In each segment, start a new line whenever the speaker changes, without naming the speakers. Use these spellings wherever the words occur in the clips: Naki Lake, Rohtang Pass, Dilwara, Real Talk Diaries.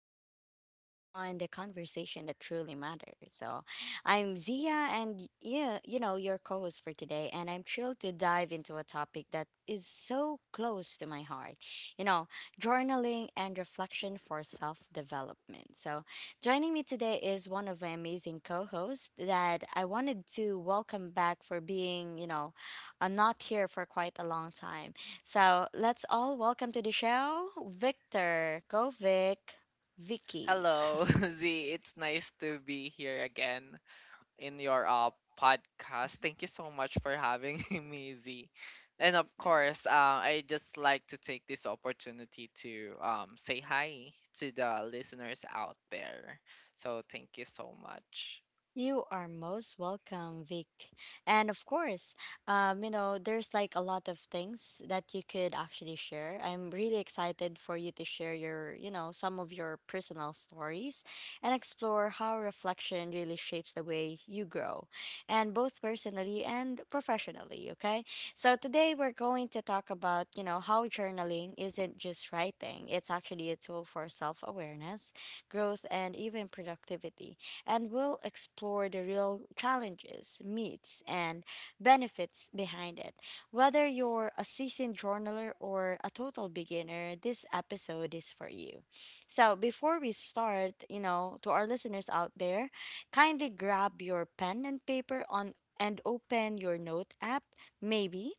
we go deep on the conversation that truly matters. I'm Zia, and your co-host for today, and I'm thrilled to dive into a topic that is so close to my heart. You know, Journaling and reflection for self-development. So, joining me today is one of my amazing co-hosts that I wanted to welcome back for being, not here for quite a long time. So let's all welcome to the show Victor, go Vic, Vicky.
Hello, Z. It's nice to be here again in your podcast. Thank you so much for having me, Z. And of course, I just like to take this opportunity to say hi to the listeners out there. So thank you so much.
You are most welcome, Vic. And of course, there's like a lot of things that you could actually share. I'm really excited for you to share your some of your personal stories and explore how reflection really shapes the way you grow, and both personally and professionally, okay? So today we're going to talk about, how journaling isn't just writing. It's actually a tool for self-awareness, growth, and even productivity, and we'll explore the real challenges, myths, and benefits behind it. Whether you're a seasoned journaler or a total beginner, this episode is for you. So, before we start, to our listeners out there, kindly grab your pen and paper on and open your note app, maybe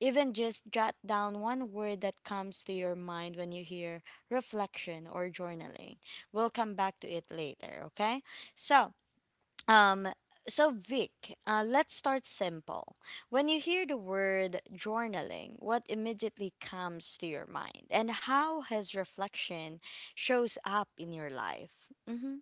even just jot down one word that comes to your mind when you hear reflection or journaling. We'll come back to it later, okay? So, um, so Vic, let's start simple. When you hear the word journaling, what immediately comes to your mind, and how has reflection shows up in your life? Mm-hmm.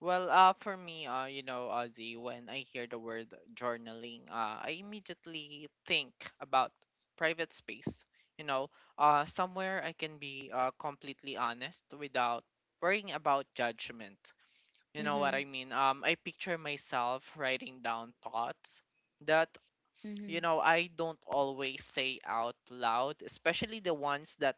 For me, you know, Ozzy, when I hear the word journaling, I immediately think about private space. You know, somewhere I can be completely honest without worrying about judgment. You know what
Mm-hmm.
I mean? I picture myself writing down thoughts that, you
Mm-hmm.
know, I don't always say out loud, especially the ones that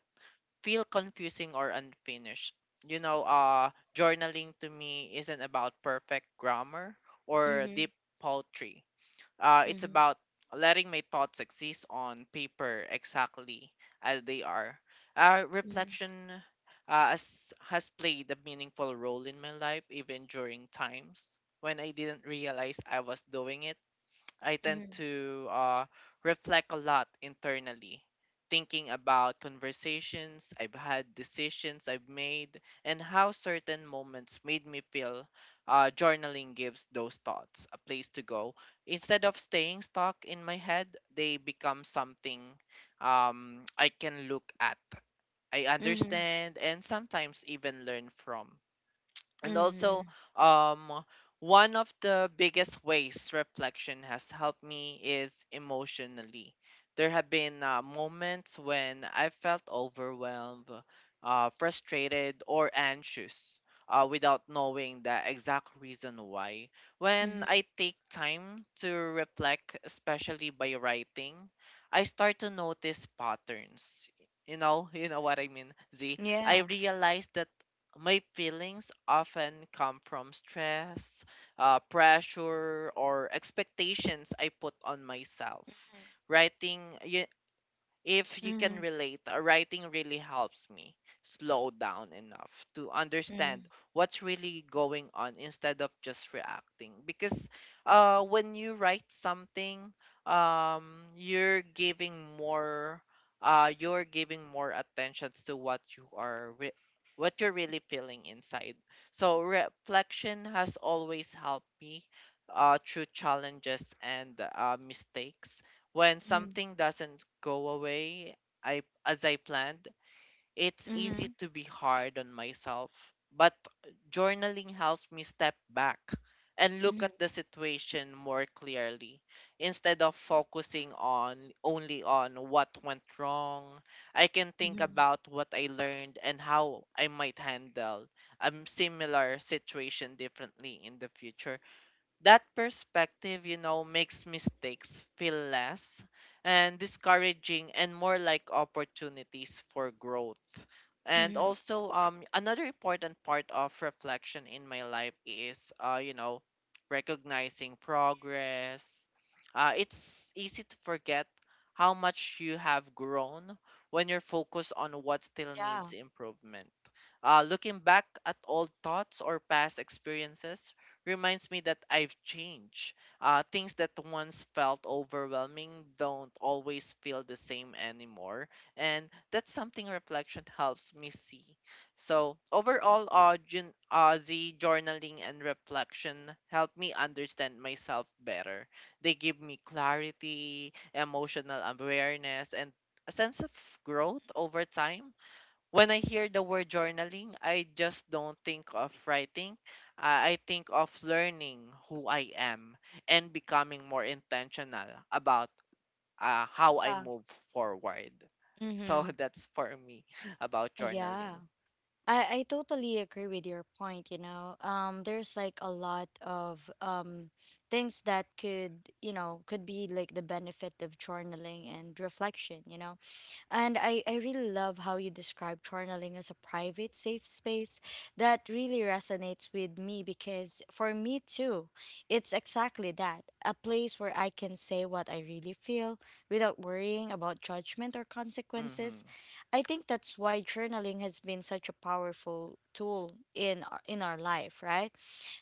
feel confusing or unfinished. You know, journaling to me isn't about perfect grammar or
Mm-hmm.
deep poetry. It's about letting my thoughts exist on paper exactly as they are.
Mm-hmm. Mm-hmm.
Reflection has played a meaningful role in my life, even during times when I didn't realize I was doing it. I tend
Mm-hmm.
to reflect a lot internally, thinking about conversations I've had, decisions I've made, and how certain moments made me feel. Journaling gives those thoughts a place to go. Instead of staying stuck in my head, they become something I can look at. I
Mm-hmm.
understand and sometimes even learn from. And also,
Mm-hmm.
um, one of the biggest ways reflection has helped me is emotionally. There have been moments when I felt overwhelmed, frustrated, or anxious without knowing the exact reason why. When
Mm-hmm.
I take time to reflect, especially by writing, I start to notice patterns. You know, you know what I mean, Z. I
Yeah.
realize that my feelings often come from stress, pressure, or expectations I put on myself. Writing, you, if you can
Mm-hmm.
relate, writing really helps me slow down enough to
Mm-hmm.
understand what's really going on instead of just reacting. Because when you write something, um, you're giving more, you're giving more attention to what you're really feeling inside. So reflection has always helped me through challenges and mistakes when
Mm-hmm.
something doesn't go away I as I planned, it's easy
Mm-hmm.
to be hard on myself. But journaling helps me step back and look at the situation more clearly. Instead of focusing on only on what went wrong, I can think
Mm-hmm.
about what I learned and how I might handle a similar situation differently in the future. That perspective, you know, makes mistakes feel less and discouraging and more like opportunities for growth. And
Mm-hmm.
also, another important part of reflection in my life is, you know, recognizing progress. It's easy to forget how much you have grown when you're focused on what still
Yeah.
needs improvement. Looking back at old thoughts or past experiences reminds me that I've changed. Things that once felt overwhelming don't always feel the same anymore. And that's something reflection helps me see. So, overall, Z journaling and reflection help me understand myself better. They give me clarity, emotional awareness, and a sense of growth over time when I hear the word journaling, I just don't think of writing. I think of learning who I am and becoming more intentional about how I
Yeah.
move forward. So
Mm-hmm.
that's for me about
Yeah.
journaling.
I totally agree with your point, you know. There's like a lot of things that could, could be like the benefit of journaling and reflection, you know. And I really love how you describe journaling as a private, safe space. That really resonates with me because for me too, it's exactly that, a place where I can say what I really feel without worrying about judgment or consequences.
Mm-hmm.
I think that's why journaling has been such a powerful tool in our life, right?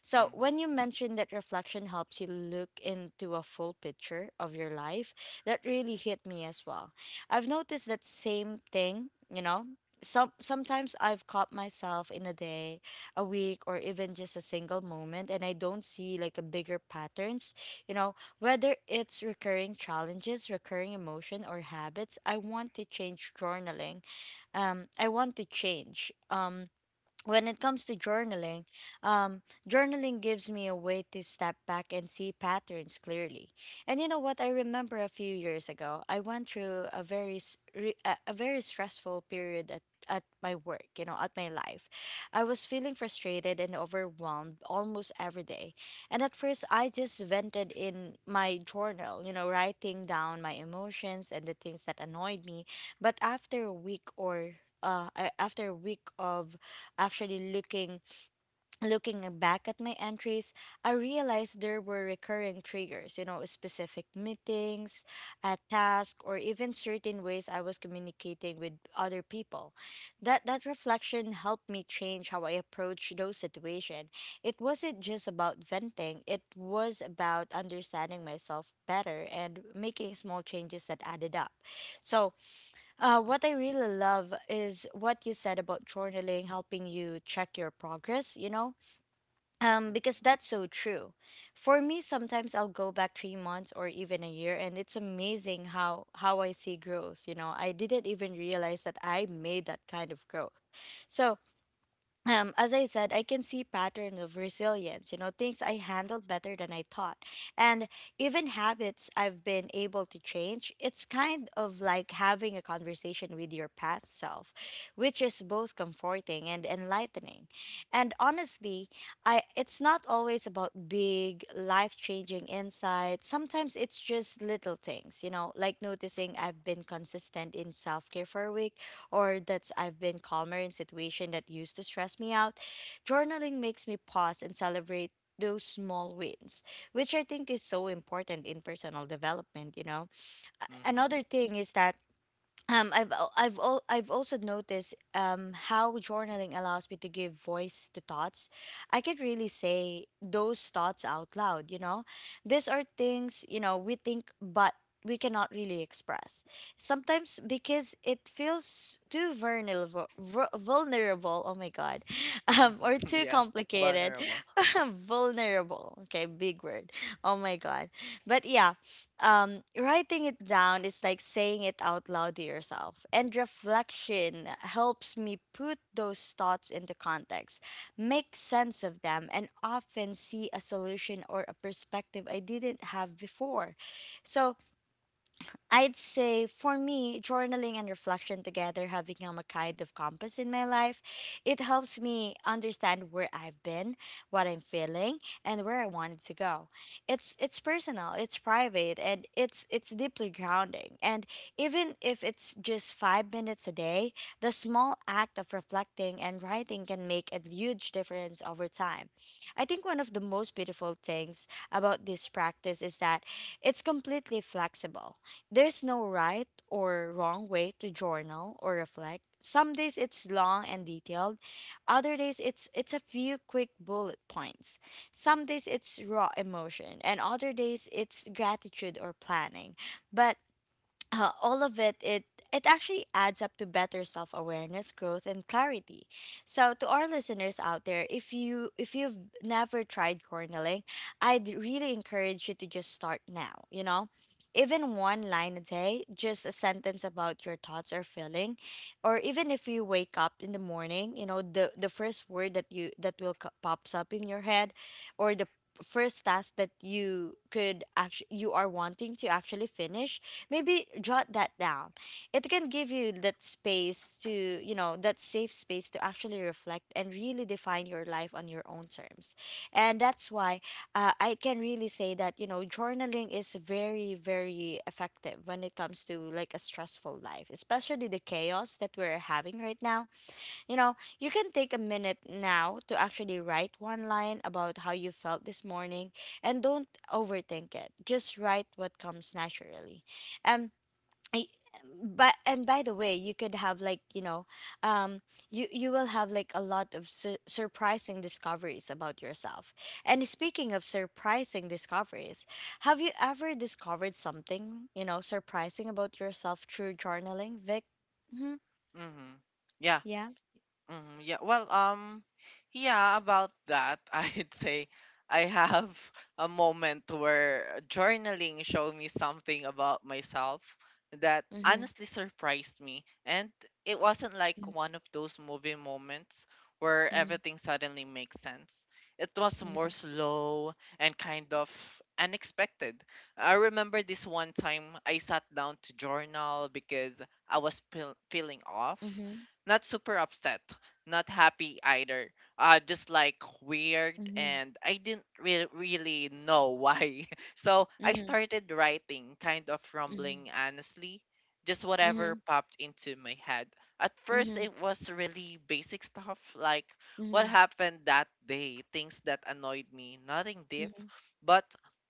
So,
Mm-hmm.
when you mentioned that reflection helps you look into a full picture of your life, that really hit me as well. I've noticed that same thing, you know. Sometimes I've caught myself in a day, a week, or even just a single moment, and I don't see like a bigger patterns. You know, whether it's recurring challenges, recurring emotion, or habits, I want to change journaling. I want to change. When it comes to journaling, um, journaling gives me a way to step back and see patterns clearly. And you know what? I remember a few years ago, I went through a very s- re- a very stressful period at my work. You know, at my life, I was feeling frustrated and overwhelmed almost every day. And at first, I just vented in my journal. You know, writing down my emotions and the things that annoyed me. But after a week of Actually looking looking back at my entries, I realized there were recurring triggers, you know, specific meetings, a task, or even certain ways I was communicating with other people. That reflection helped me change how I approach those situations. It wasn't just about venting, it was about understanding myself better and making small changes that added up. So, what I really love is what you said about journaling helping you check your progress, you know? Because that's so true. For me, sometimes I'll go back 3 months or even a year, and it's amazing how I see growth, you know? I didn't even realize that I made that kind of growth. So, as I said, I can see pattern of resilience, you know, things I handled better than I thought. And even habits I've been able to change, it's kind of like having a conversation with your past self, which is both comforting and enlightening. And honestly, I it's not always about big, life-changing insights. Sometimes it's just little things, you know, like noticing I've been consistent in self-care for a week or that I've been calmer in situations that used to stress me out. Journaling makes me pause and celebrate those small wins, which I think is so important in personal development, you know.
Mm-hmm.
Another thing is that I've also noticed how journaling allows me to give voice to thoughts. I could really say those thoughts out loud. You know, these are things you know we think, but we cannot really express sometimes because it feels too Vulnerable. Oh my god, or
Mm-hmm.
too
Yeah,
complicated.
vulnerable.
Vulnerable. Okay, big word. Oh my god, but yeah, writing it down is like saying it out loud to yourself. And reflection helps me put those thoughts into context, make sense of them, and often see a solution or a perspective I didn't have before. So, I'd say for me, journaling and reflection together have become a kind of compass in my life. It helps me understand where I've been, what I'm feeling, and where I wanted to go. It's personal, it's private, and it's deeply grounding. And even if it's just 5 minutes a day, the small act of reflecting and writing can make a huge difference over time. I think one of the most beautiful things about this practice is that it's completely flexible. There's no right or wrong way to journal or reflect. Some days it's long and detailed. Other days it's a few quick bullet points. Some days it's raw emotion and other days it's gratitude or planning. But, all of it it actually adds up to better self-awareness, growth, and clarity. So to our listeners out there, if you've never tried journaling, I'd really encourage you to just start now, you know, even one line a day, just a sentence about your thoughts or feeling. Or even if you wake up in the morning, you know, the first word that you that will co- pops up in your head, or the first task that you are wanting to actually finish. Maybe jot that down. It can give you that space to, you know, that safe space to actually reflect and really define your life on your own terms. And that's why, I can really say that, you know, journaling is very, very effective when it comes to like a stressful life, especially the chaos that we're having right now. You know, you can take a minute now to actually write one line about how you felt this morning, and don't overthink it, just write what comes naturally. Um I, but and by the way, you could have like, um, you you will have like a lot of surprising discoveries about yourself. And speaking of surprising discoveries, have you ever discovered something, you know, surprising about yourself through journaling, Vic? Mm-hmm.
Mm-hmm. Yeah.
Yeah.
Yeah, about that, I'd say I have a moment where journaling showed me something about myself that
Mm-hmm.
honestly surprised me. And it wasn't like one of those movie moments where
Mm-hmm.
everything suddenly makes sense. It was more slow and kind of unexpected. I remember this one time I sat down to journal because I was feeling off,
Mm-hmm.
not super upset, not happy either. Just like weird,
Mm-hmm.
and I didn't really know why. So I
Mm-hmm. Mm-hmm.
started writing, kind of rumbling, honestly, just
Mm-hmm.
whatever
Mm-hmm.
popped into my head. At
Mm-hmm.
first,
Mm-hmm.
it was really basic stuff like what
Mm-hmm.
happened that day, things that annoyed me, nothing deep. But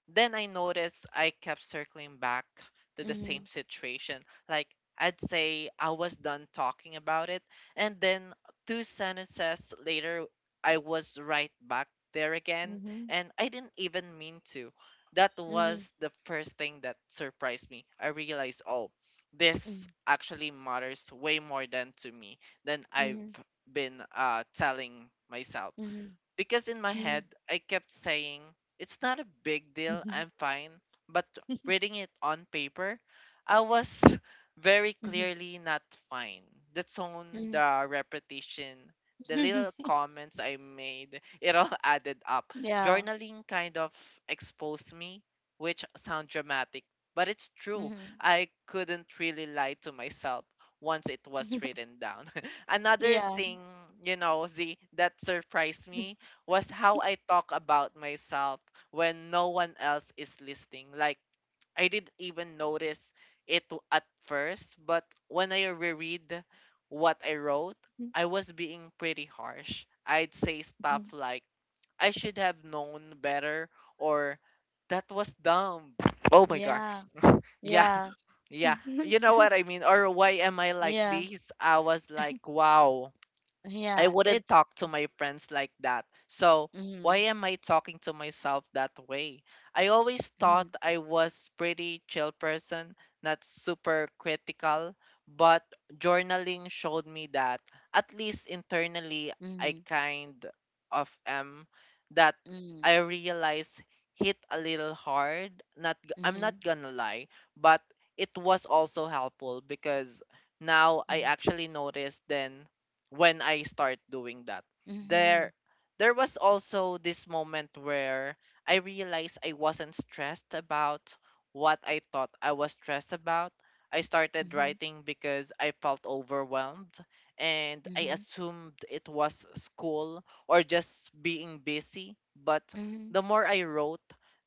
then I noticed I kept circling back to the same situation. Like, I'd say I was done talking about it, and then two sentences later, I was right back there again,
Mm-hmm.
and I didn't even mean to. That
Mm-hmm.
was the first thing that surprised me. I realized, oh, this actually matters way more than to me than I've been telling myself.
Mm-hmm.
Because in my
Mm-hmm.
head, I kept saying, it's not a big deal,
Mm-hmm.
I'm fine. But
Mm-hmm.
reading it on paper, I was very
Mhm,
clearly not fine. The tone,
mhm.
the repetition, the little comments I made, it all added up.
Yeah.
Journaling kind of exposed me, which sound dramatic, but it's true.
Mhm.
I couldn't really lie to myself once it was written down. Another
Yeah.
thing, you know, the that surprised me was how I talk about myself when no one else is listening. Like, I didn't even notice at first, but when I reread what I wrote,
Mhm,
I was being pretty harsh. I'd say
mhm.
stuff like, I should have known better, or that was dumb. Oh my god.
Yeah.
yeah,
Yeah.
yeah. You know what I mean? Or why am I like
Yeah.
this? I was like, wow. I
Yeah.
wouldn't
It's
talk to my friends like that. So why
mhm,
am I talking to myself that way? I always
mhm,
thought I was pretty chill person, not super critical, but journaling showed me that at least internally I
mhm,
kind of am that
mhm,
I realized hit a little hard. Not g- I'm not
mhm,
gonna lie, but it was also helpful because now I
mhm,
actually noticed then when I start doing that,
mhm,
there there was also this moment where I realized I wasn't stressed about what I thought I was stressed about. I started
mhm,
writing because I felt overwhelmed and I
mhm,
assumed it was school or just being busy, but
mhm,
the more I wrote,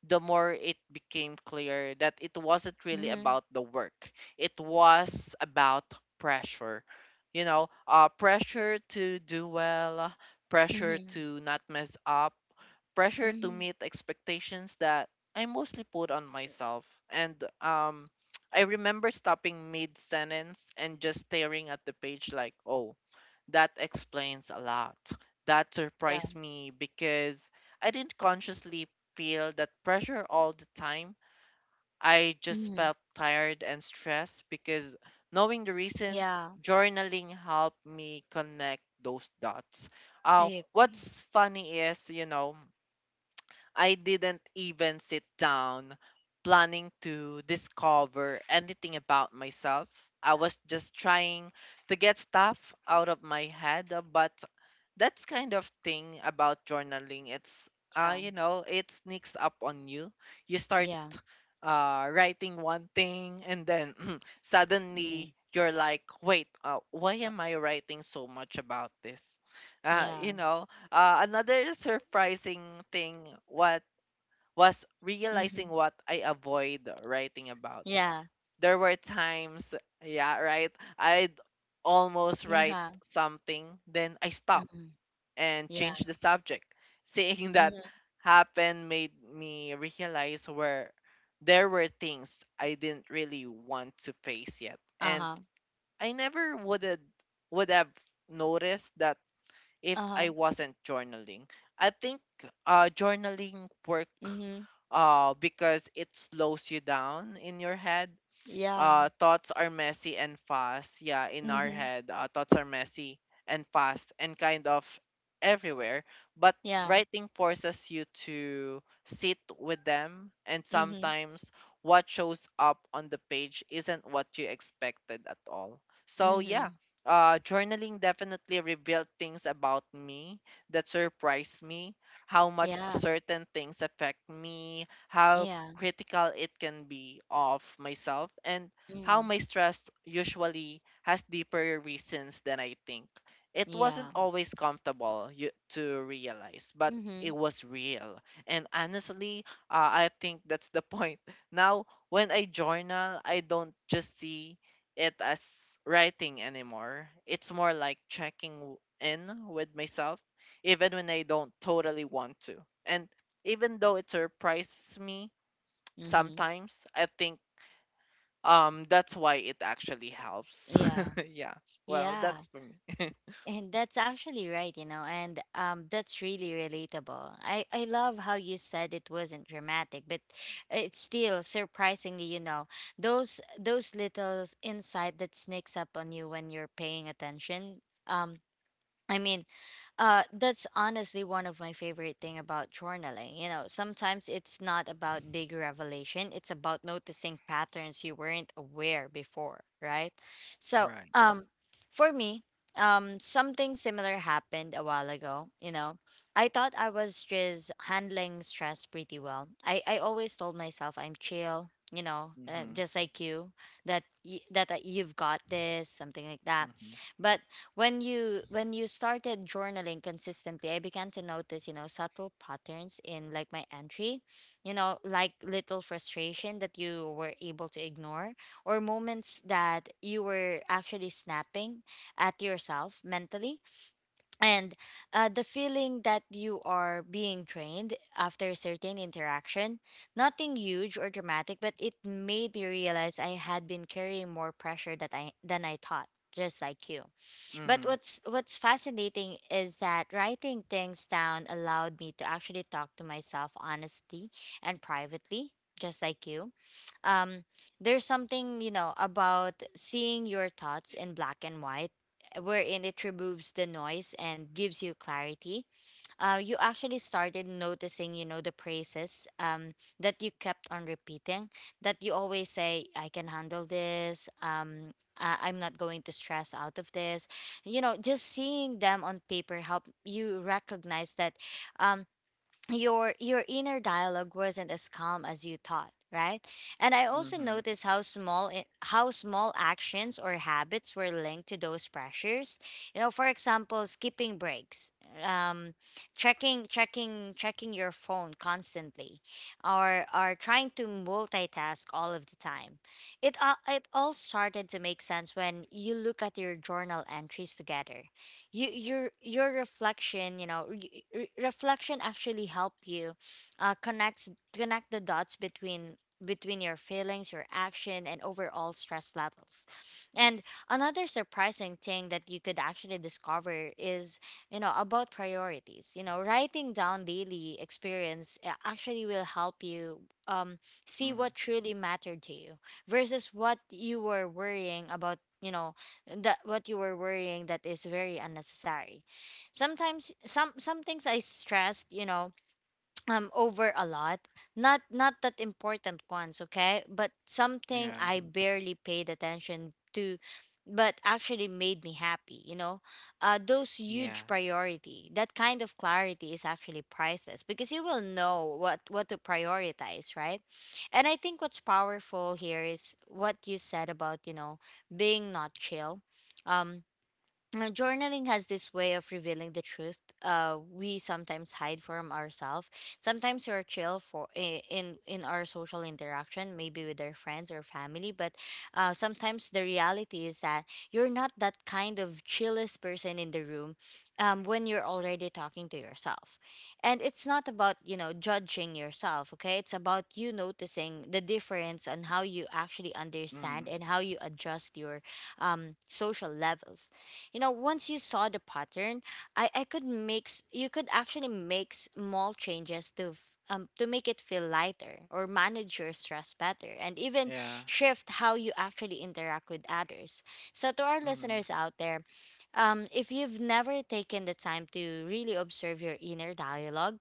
the more it became clear that it wasn't really
mhm,
about the work. It was about pressure, you know, pressure to do well, pressure
mhm,
to not mess up, pressure to
mhm.
meet expectations that I mostly put on myself. And I remember stopping mid sentence and just staring at the page like, oh, that explains a lot. That
Yeah.
surprised me because I didn't consciously feel that pressure all the time. I just
Mhm.
felt tired and stressed because knowing the reason,
Yeah,
journaling helped me connect those dots.
I agree.
What's funny is, you know, I didn't even sit down planning to discover anything about myself. I
Yeah,
was just trying to get stuff out of my head, but that's kind of thing about journaling. It's
yeah,
you know, it sneaks up on you. You start
yeah,
writing one thing and then
yeah,
suddenly you're like, wait, why
Uh,
am I writing so much about this?
yeah,
You know, another surprising thing what was realizing
mm-hmm,
what I avoid writing about.
yeah,
There were times, yeah, right, I'd almost write
yeah,
something then I stop
mm-hmm,
and
yeah,
changed the subject. Seeing that
mm-hmm,
happen made me realize where there were things I didn't really want to face yet. And
uh-huh,
I never would have noticed that if
uh-huh,
I wasn't journaling. I think journaling work
mm-hmm,
because it slows you down in your head.
yeah,
Thoughts are messy and fast yeah In our
mm-hmm,
head, thoughts are messy and fast and kind of everywhere, but
yeah,
writing forces you to sit with them and
mm-hmm,
sometimes what shows up on the page isn't what you expected at all. So yeah,
mm-hmm,
journaling definitely revealed things about me that surprised me, how much
yeah,
certain things affect me, how
yeah,
critical it can be of myself, and how
mm-hmm,
my stress usually has deeper reasons than I think. It
yeah,
wasn't always comfortable, you, to realize, but
mm-hmm,
it was real. And honestly, I think that's the point. Now, when I journal, I don't just see it as writing anymore. It's more like checking in with myself, even when I don't totally want to. And even though it surprises me,
mm-hmm,
sometimes I think that's why it actually helps.
yeah,
Yeah, well,
yeah.
that's for me.
And that's actually right, you know, and that's really relatable. I love how you said it wasn't dramatic, but it's still surprisingly, you know, those little insight that sneaks up on you when you're paying attention. Um, I mean, that's honestly one of my favorite thing about journaling. You know, sometimes it's not about big revelation, it's about noticing patterns you weren't aware before, right? So,
Right.
for me, something similar happened a while ago, you know. I thought I was just handling stress pretty well. I always told myself I'm chill, you know, just like you, that y- that you've got this, something like that. But when you started journaling consistently, I began to notice, you know, subtle patterns in like my entry, you know, like little frustration that you were able to ignore, or moments that you were actually snapping at yourself mentally. And, the feeling that you are being drained after a certain interaction, nothing huge or dramatic, but it made me realize I had been carrying more pressure that I than I thought, just like you. But
Mhm.
what's fascinating is that writing things down allowed me to actually talk to myself honestly and privately, just like you. Um, there's something, you know, about seeing your thoughts in black and white, wherein it removes the noise and gives you clarity. You actually started noticing, you know, the praises that you kept on repeating. That you always say, "I can handle this." I'm not going to stress out of this. You know, just seeing them on paper help you recognize that um your inner dialogue wasn't as calm as you thought, right? And I also
Mhm.
noticed how how small actions or habits were linked to those pressures. You know, for example, skipping breaks, um checking your phone constantly, or trying to multitask all of the time. It all started to make sense when you look at your journal entries together. Your reflection, you know, reflection actually help you connect the dots between your feelings, your action, and overall stress levels. And another surprising thing that you could actually discover is, you know, about priorities. You know, writing down daily experience actually will help you um see
Mhm.
what truly mattered to you versus what you were worrying about. You know, that what you were worrying that is very unnecessary. Sometimes some things I stressed, you know, over a lot, not that important ones, okay, but something
Yeah.
I barely paid attention to but actually made me happy, you know. Those
Yeah.
huge priority, that kind of clarity is actually priceless because you will know what to prioritize, right? And I think what's powerful here is what you said about, you know, being not chill. um Journaling has this way of revealing the truth, we sometimes hide from ourselves. Sometimes we're chill in our social interaction, maybe with our friends or family, but sometimes the reality is that you're not that kind of chillest person in the room, when you're already talking to yourself. And it's not about, you know, judging yourself, okay? It's about you noticing the difference on how you actually
Mm.
understand and how you adjust your social levels. You know, once you saw the pattern, I could make s- you could actually make small changes to make it feel lighter or manage your stress better and even
Yeah.
shift how you actually interact with others. So to our
Mhm.
listeners out there, if you've never taken the time to really observe your inner dialogue,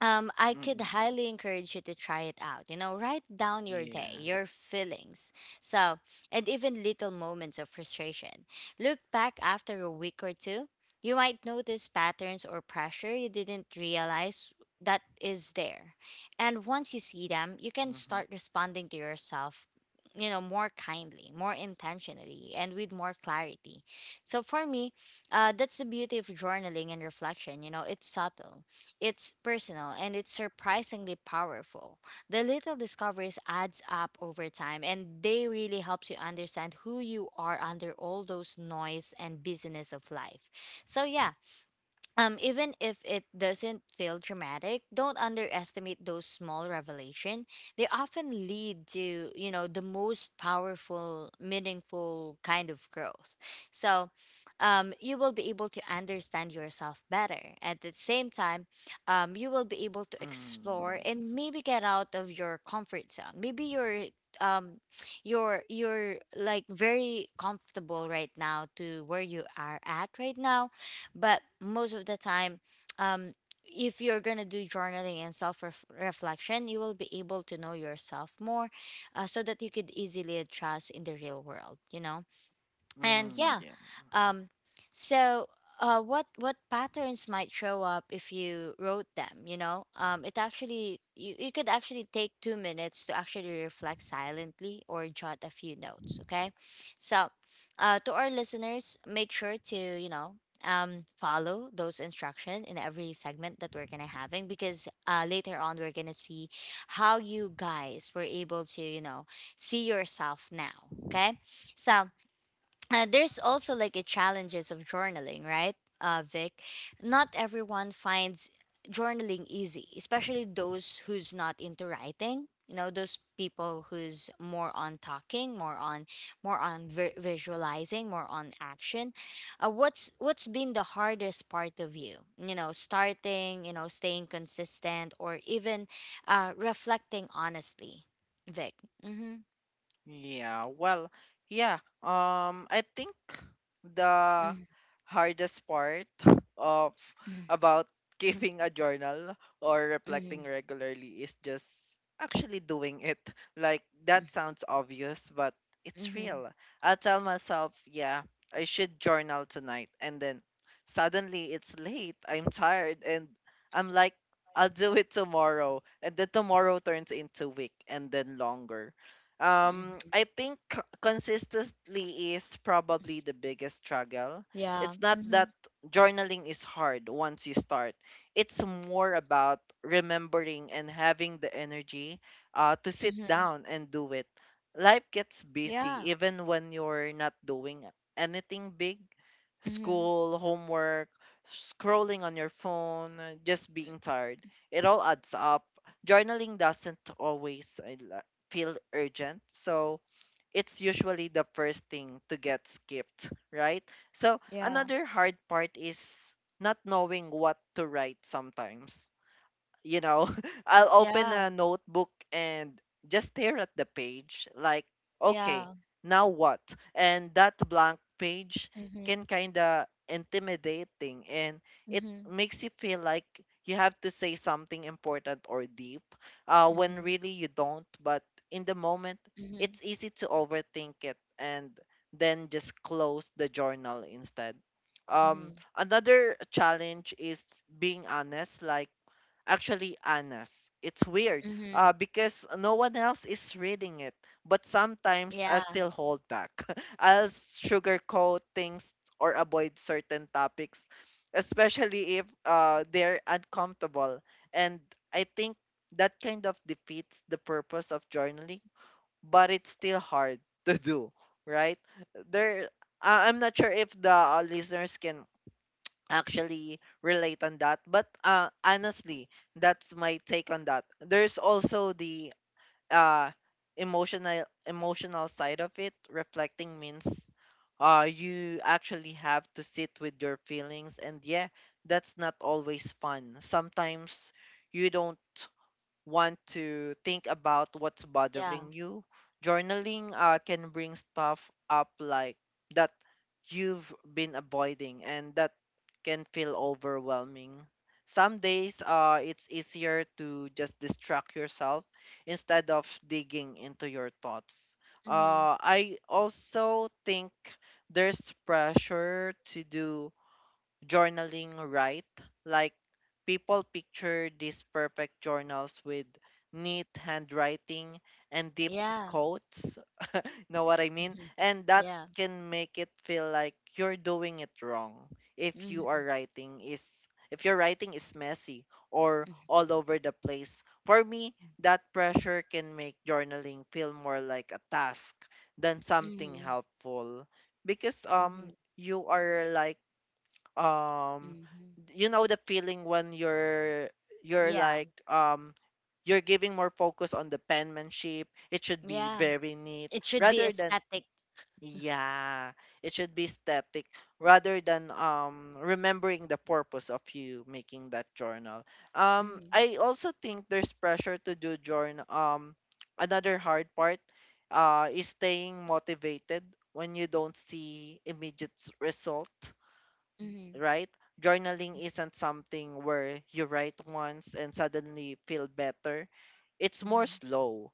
I could
Mhm.
highly encourage you to try it out. You know, write down your day,
Yeah.
your feelings, so, and even little moments of frustration. Look back after a week or two. You might notice patterns or pressure you didn't realize that is there. And once you see them, you can
Mhm.
start responding to yourself, you know, more kindly, more intentionally, and with more clarity. So for me, that's the beauty of journaling and reflection. You know, it's subtle, it's personal, and it's surprisingly powerful. The little discoveries adds up over time and they really helps you understand who you are under all those noise and busyness of life. So yeah, even if it doesn't feel dramatic, don't underestimate those small revelation. They often lead to, you know, the most powerful, meaningful kind of growth. So, you will be able to understand yourself better. At the same time, you will be able to explore
Mm.
and maybe get out of your comfort zone. Maybe you're um you're like very comfortable right now to where you are at right now, but most of the time, um, if you're gonna do journaling and self reflection, you will be able to know yourself more, so that you could easily adjust in the real world. You know, and
Mm.
yeah.
Yeah.
Um so uh what what patterns might show up if you wrote them? You know, it actually you could actually take 2 minutes to actually reflect silently or jot a few notes, okay? So to our listeners, make sure to, you know, follow those instructions in every segment that we're gonna having, because later on we're gonna see how you guys were able to, you know, see yourself now, okay? So there's also like a challenges of journaling, right, Vic? Not everyone finds journaling easy, especially those who's not into writing. You know, those people who's more on talking, more on visualizing, more on action. What's been the hardest part of you? You know, starting, you know, staying consistent, or even reflecting honestly, Vic. Mm-hmm.
Yeah, well, yeah. I think the hardest part of
Mm-hmm.
about keeping a journal or
Mm-hmm. Mm-hmm.
reflecting regularly is just actually doing it. Like that sounds obvious, but it's
Mm-hmm.
real. I tell myself, yeah, I should journal tonight, and then suddenly it's late. I'm tired, and I'm like, I'll do it tomorrow, and then tomorrow turns into week, and then longer.
Mm-hmm.
I think consistently is probably the biggest struggle.
Yeah.
It's not
Mm-hmm.
that journaling is hard once you start. It's more about remembering and having the energy to sit
Mm-hmm.
down and do it. Life gets busy
Yeah.
even when you're not doing anything big.
Mm-hmm.
School, homework, scrolling on your phone, just being tired. It all adds up. Journaling doesn't always feel urgent. So it's usually the first thing to get skipped, right? So
Yeah.
another hard part is not knowing what to write sometimes you know, I'll open
Yeah.
a notebook and just stare at the page like, okay,
Yeah.
now what? And that blank page
Mm-hmm.
can kind of intimidating, and it
Mm-hmm.
makes you feel like you have to say something important or deep when
Mm-hmm.
really you don't. But in the moment,
Mm-hmm.
it's easy to overthink it and then just close the journal instead.
Mm-hmm.
Another challenge is being honest, like actually, Anna's. It's weird
Mm-hmm.
because no one else is reading it, but sometimes I
Yeah.
still hold back. I'll sugarcoat things or avoid certain topics, especially if they're uncomfortable. And I think that kind of defeats the purpose of journaling, but it's still hard to do, right? There, I'm not sure if the listeners can actually relate on that. But honestly, that's my take on that. There's also the uh, emotional side of it. Reflecting means you actually have to sit with your feelings, and yeah, that's not always fun. Sometimes you don't want to think about what's
Yeah.
bothering you. Journaling can bring stuff up like that you've been avoiding, and that can feel overwhelming. Some days it's easier to just distract yourself instead of digging into your thoughts.
Mm-hmm.
I also think there's pressure to do journaling right? Like, people picture these perfect journals with neat handwriting and deep
Yeah.
quotes. Know what I mean?
Mm-hmm.
And that
Yeah.
can make it feel like you're doing it wrong if you
Mm-hmm.
are writing is if your writing is messy or all over the place. For me, that pressure can make journaling feel more like a task than something
Mm-hmm.
helpful because
Mm-hmm.
you are like, um
Mm-hmm.
you know the feeling when you're
Yeah.
like, you're giving more focus on the penmanship, it should be
Yeah.
very neat
It should be
rather than,
aesthetic.
yeah, it should be static rather than, remembering the purpose of you making that journal.
Mm-hmm.
I also think there's pressure to do journal. Another hard part is staying motivated when you don't see immediate result,
Mm-hmm.
right? Journaling isn't something where you write once and suddenly feel better. It's more
Mm-hmm.
slow.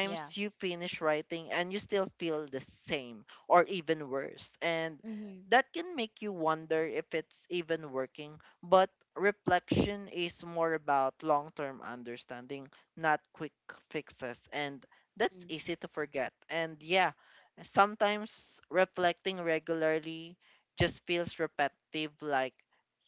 Yeah.
you finish writing and you still feel the same or even worse. And
Mm-hmm.
that can make you wonder if it's even working. But reflection is more about long term understanding, not quick fixes. And that's easy to forget. And yeah, sometimes reflecting regularly just feels repetitive, like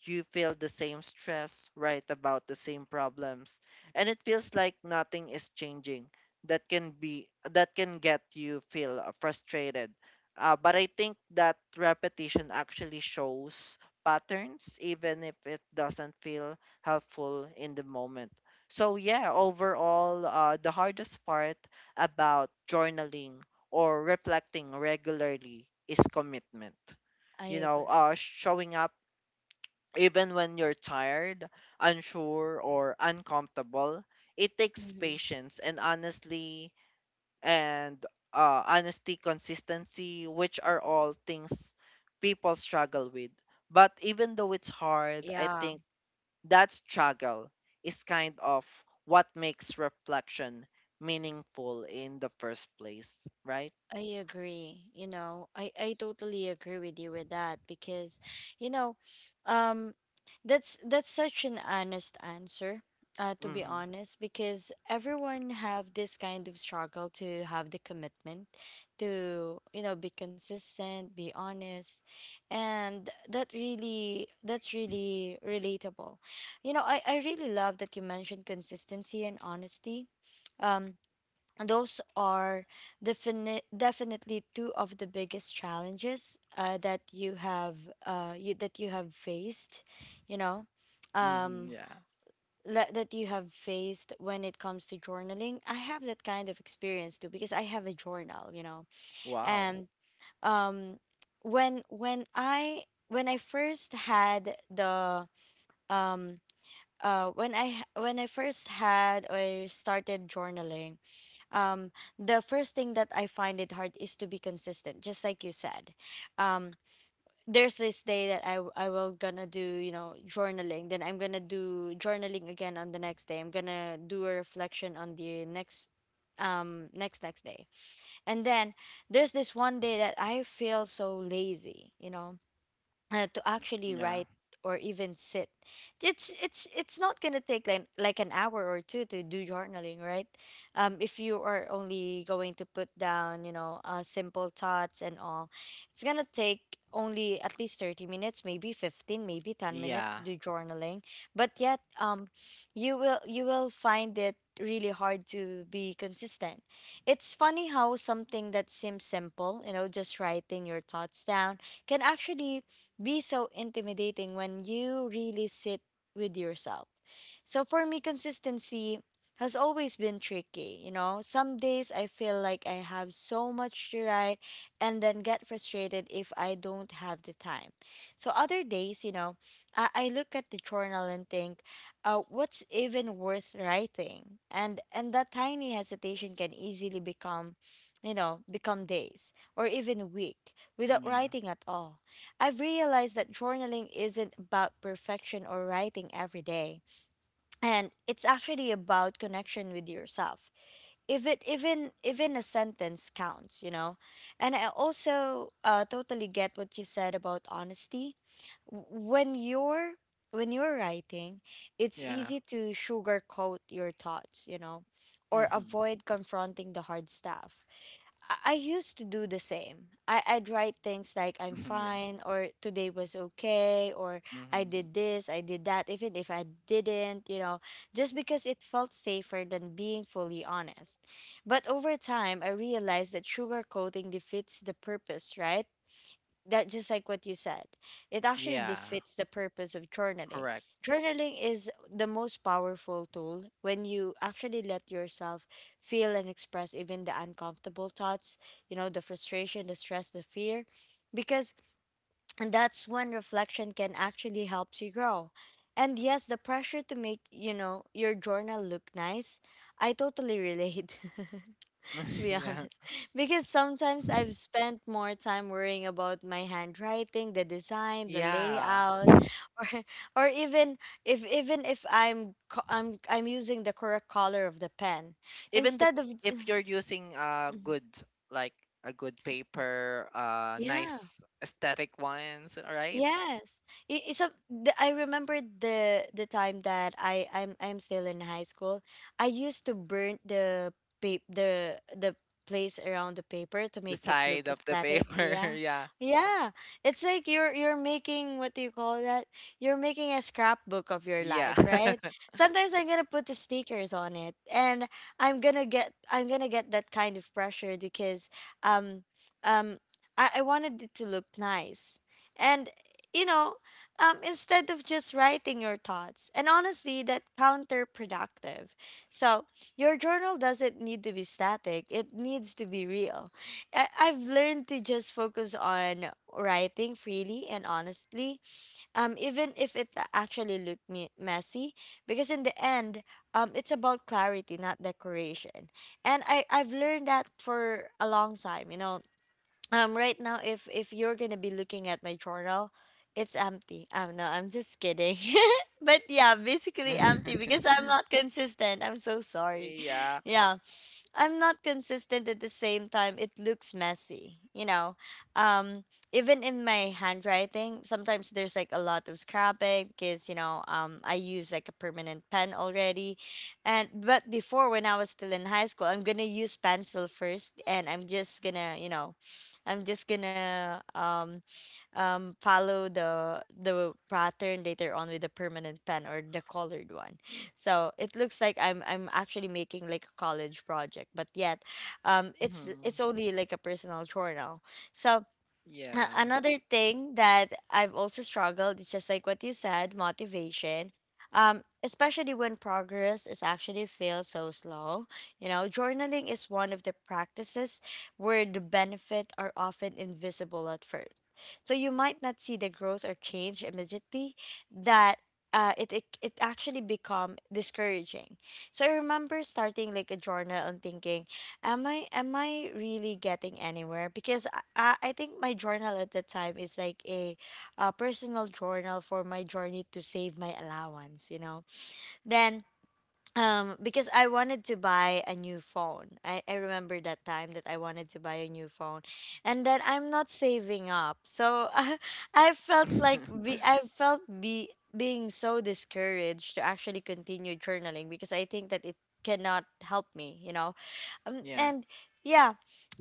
you feel the same stress, right, about the same problems. And it feels like nothing is changing. That can get you feel frustrated. But I think that repetition actually shows patterns, even if it doesn't feel helpful in the moment. So yeah, overall, the hardest part about journaling or reflecting regularly is commitment,
I
you know,
agree.
showing up even when you're tired, unsure, or uncomfortable. It takes
Mm-hmm.
patience and, honestly, and honesty, consistency, which are all things people struggle with. But even though it's hard, I
Yeah.
think that struggle is kind of what makes reflection meaningful in the first place, right?
I agree. You know, I totally agree with you with that because, you know, um, that's such an honest answer. To be
Mm-hmm.
honest, because everyone have this kind of struggle to have the commitment to, be consistent, be honest, and that's really relatable. You know, I really love that you mentioned consistency and honesty. um, those are definitely two of the biggest challenges that you have uh, you, that you have faced you know
Mm-hmm.
um,
Yeah.
that you have faced when it comes to journaling. I have that kind of experience too because I have a journal, you know.
Wow.
And um, when when i when I first had the um, uh, when I when I first had or started journaling. um, the first thing that I find it hard is to be consistent, just like you said. Um, there's this day that I will gonna do, you know, journaling. Then I'm gonna do journaling again on the next day. I'm gonna do a reflection on the next next day. And then there's this one day that I feel so lazy, you know, to actually
Yeah.
write or even sit. It's not gonna take like an hour or two to do journaling, right? If you are only going to put down, you know, simple thoughts and all, it's gonna take only at least 30 minutes, maybe 15, maybe 10 minutes to
Yeah.
do journaling. But yet, you will find it really hard to be consistent. It's funny how something that seems simple, you know, just writing your thoughts down, can actually be so intimidating when you really sit with yourself. So for me, consistency has always been tricky. You know, some days I feel like I have so much to write and then get frustrated if I don't have the time. So other days, you know, I look at the journal and think, what's even worth writing? And that tiny hesitation can easily become, you know, become days or even week without
Yeah.
writing at all. I've realized that journaling isn't about perfection or writing every day, and it's actually about connection with yourself. If it even a sentence counts, you know. And I also totally get what you said about honesty. W- When you're when you're writing, it's
Yeah.
easy to sugarcoat your thoughts, you know, or
Mhm.
avoid confronting the hard stuff. I used to do the same. I'd write things like I'm
Mhm. Yeah.
fine or today was okay or I
Mhm.
did this, I did that, even if I didn't, you know, just because it felt safer than being fully honest. But over time, I realized that sugarcoating defeats the purpose, right? That just like what you said, it actually
Yeah.
defeats the purpose of journaling.
Correct.
Journaling is the most powerful tool when you actually let yourself feel and express even the uncomfortable thoughts, you know, the frustration, the stress, the fear, because that's when reflection can actually helps you grow. And yes, the pressure to make, you know, your journal look nice, I totally relate. To be
Yeah.
honest. Because sometimes I've spent more time worrying about my handwriting, the design, the
Yeah.
layout, or or even if I'm co- I'm using the correct color of the pen
Even the,
instead of
if you're using a good, like a good paper,
yeah.
nice aesthetic ones, right?
Yes. It, it's a, the, I remember the time that I'm still in high school. I used to burn the the place around the paper to
The
make it look
side of the
aesthetic.
paper.
Yeah.
Yeah.
Yeah. It's like you're making, what do you call that? You're making a scrapbook of your
Yeah.
life, right? Sometimes I'm gonna put the stickers on it and I'm gonna get that kind of pressure because um um I wanted it to look nice. And you know, instead of just writing your thoughts. And honestly, that counterproductive. So your journal doesn't need to be static. It needs to be real. I've learned to just focus on writing freely and honestly, even if it actually looked messy, because in the end, it's about clarity, not decoration. And I've learned that for a long time, right now, if you're gonna be looking at my journal, it's empty. No, I'm just kidding. But yeah, basically empty because I'm not consistent. I'm so sorry.
Yeah.
Yeah. I'm not consistent at the same time. It looks messy, you know. Um, Even in my handwriting, sometimes there's like a lot of scrapping because I use like a permanent pen already, and but before when I was still in high school, I'm gonna use pencil first, and I'm just gonna I'm just gonna um follow the pattern later on with the permanent pen or the colored one. So it looks like I'm actually making like a college project, but yet, it's
Mhm.
only like a personal journal. So
Yeah.
another thing that I've also struggled is just like what you said, motivation. Especially when progress is actually feel so slow. You know, journaling is one of the practices where the benefit are often invisible at first. So you might not see the growth or change immediately, that it actually become discouraging. So I remember starting like a journal and thinking, am I really getting anywhere? Because I think my journal at that time is like a personal journal for my journey to save my allowance, you know. Then because I wanted to buy a new phone. I remember that time that I wanted to buy a new phone and then I'm not saving up. So I felt like I felt be being so discouraged to actually continue journaling because I think that it cannot help me,
Yeah.
and yeah.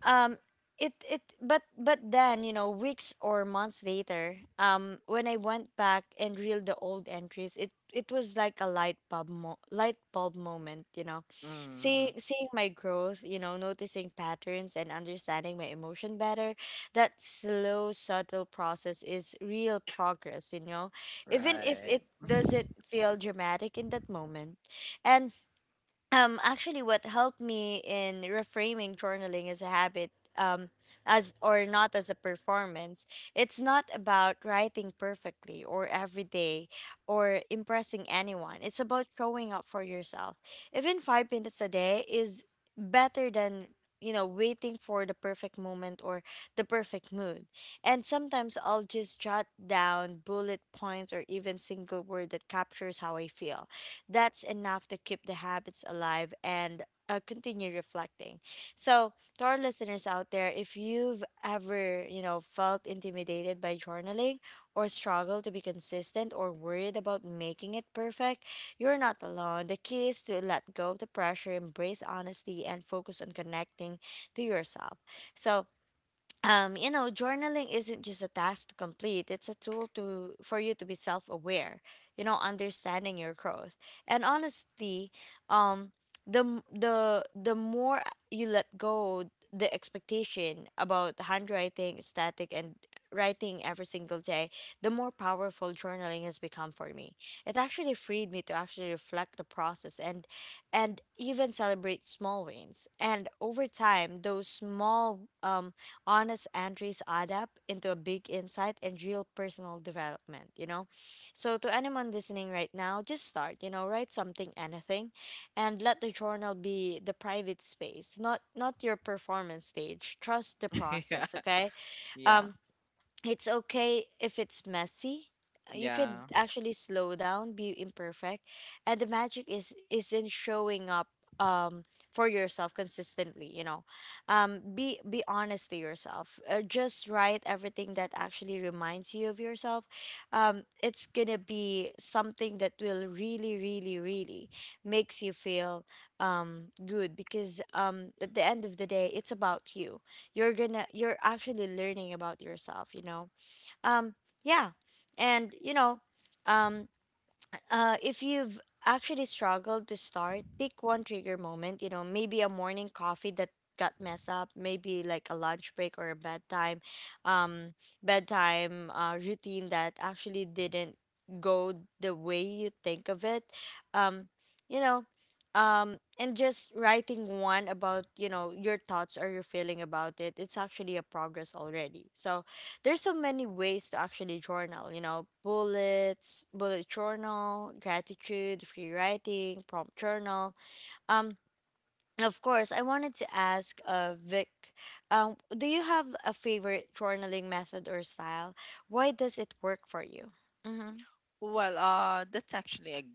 um it but then, you know, weeks or months later, when I went back and reeled the old entries, it was like a light bulb moment, you know,
Mm.
seeing my growth, you know, noticing patterns and understanding my emotion better. That slow, subtle process is real progress, you know, even if
Right.
it doesn't feel dramatic in that moment. And actually, what helped me in reframing journaling as a habit, um, as or not as a performance, it's not about writing perfectly or every day or impressing anyone. It's about showing up for yourself. Even 5 minutes a day is better than, you know, waiting for the perfect moment or the perfect mood. And sometimes I'll just jot down bullet points or even single word that captures how I feel. That's enough to keep the habits alive and continue reflecting. So, to our listeners out there, if you've ever, you know, felt intimidated by journaling or struggled to be consistent or worried about making it perfect, you're not alone. The key is to let go of the pressure, embrace honesty, and focus on connecting to yourself. So, you know, journaling isn't just a task to complete. It's a tool to for you to be self-aware, you know, understanding your growth. And honestly, um, the m- the more you let go the expectation about handwriting, static, and writing every single day, the more powerful journaling has become for me. It actually freed me to actually reflect the process and even celebrate small wins. And over time, those small honest entries add up into a big insight and real personal development, you know? So, to anyone listening right now, just start, you know, write something, anything, and let the journal be the private space, not your performance stage. Trust the
Yeah.
process, okay?
Yeah.
Um, it's okay if it's messy. You could
Yeah.
actually slow down, be imperfect, and the magic is in showing up um for yourself consistently. You know, be honest to yourself. Just write everything that actually reminds you of yourself. It's gonna be something that will really, really, really makes you feel good because at the end of the day, it's about you. You're actually learning about yourself, you know. um yeah and you know um if you've actually struggled to start, pick one trigger moment. You know, maybe a morning coffee that got messed up, maybe like a lunch break or a bedtime, um, routine that actually didn't go the way you think of it. Um, you know, and just writing one about, you know, your thoughts or your feeling about it. It's actually a progress already. So there's so many ways to actually journal, you know, bullets, bullet journal, gratitude, free writing, prompt journal. Um, of course, I wanted to ask Vic, do you have a favorite journaling method or style? Why does it work for you? Mm-hmm.
Well, that's actually a g-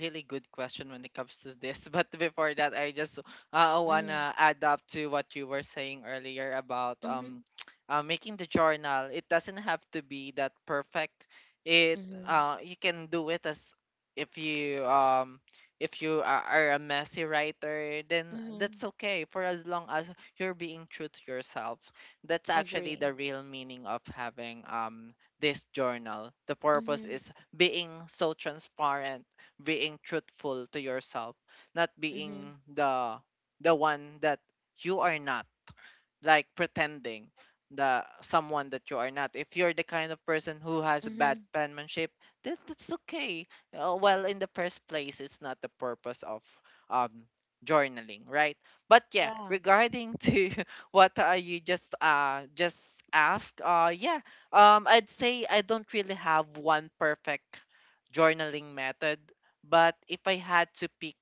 really good question when it comes to this. But before that, I just
Mm-hmm.
wanna add up to what you were saying earlier about
Mm-hmm.
making the journal. It doesn't have to be that perfect. It you can do it as if you um if you are a messy writer, then
Mm-hmm. Mm-hmm.
that's okay for as long as you're being true to yourself. That's actually
Agree.
the real meaning of having this journal. The purpose
Mm-hmm.
is being so transparent, being truthful to yourself, not
Mm-hmm.
being the one that you are not like pretending the someone that you are not. If you're the kind of person who has bad
Mm-hmm.
penmanship, that's okay. Well, in the first place, it's not the purpose of um journaling, right? But yeah,
Yeah.
regarding to what you just asked, yeah, I'd say I don't really have one perfect journaling method, but if I had to pick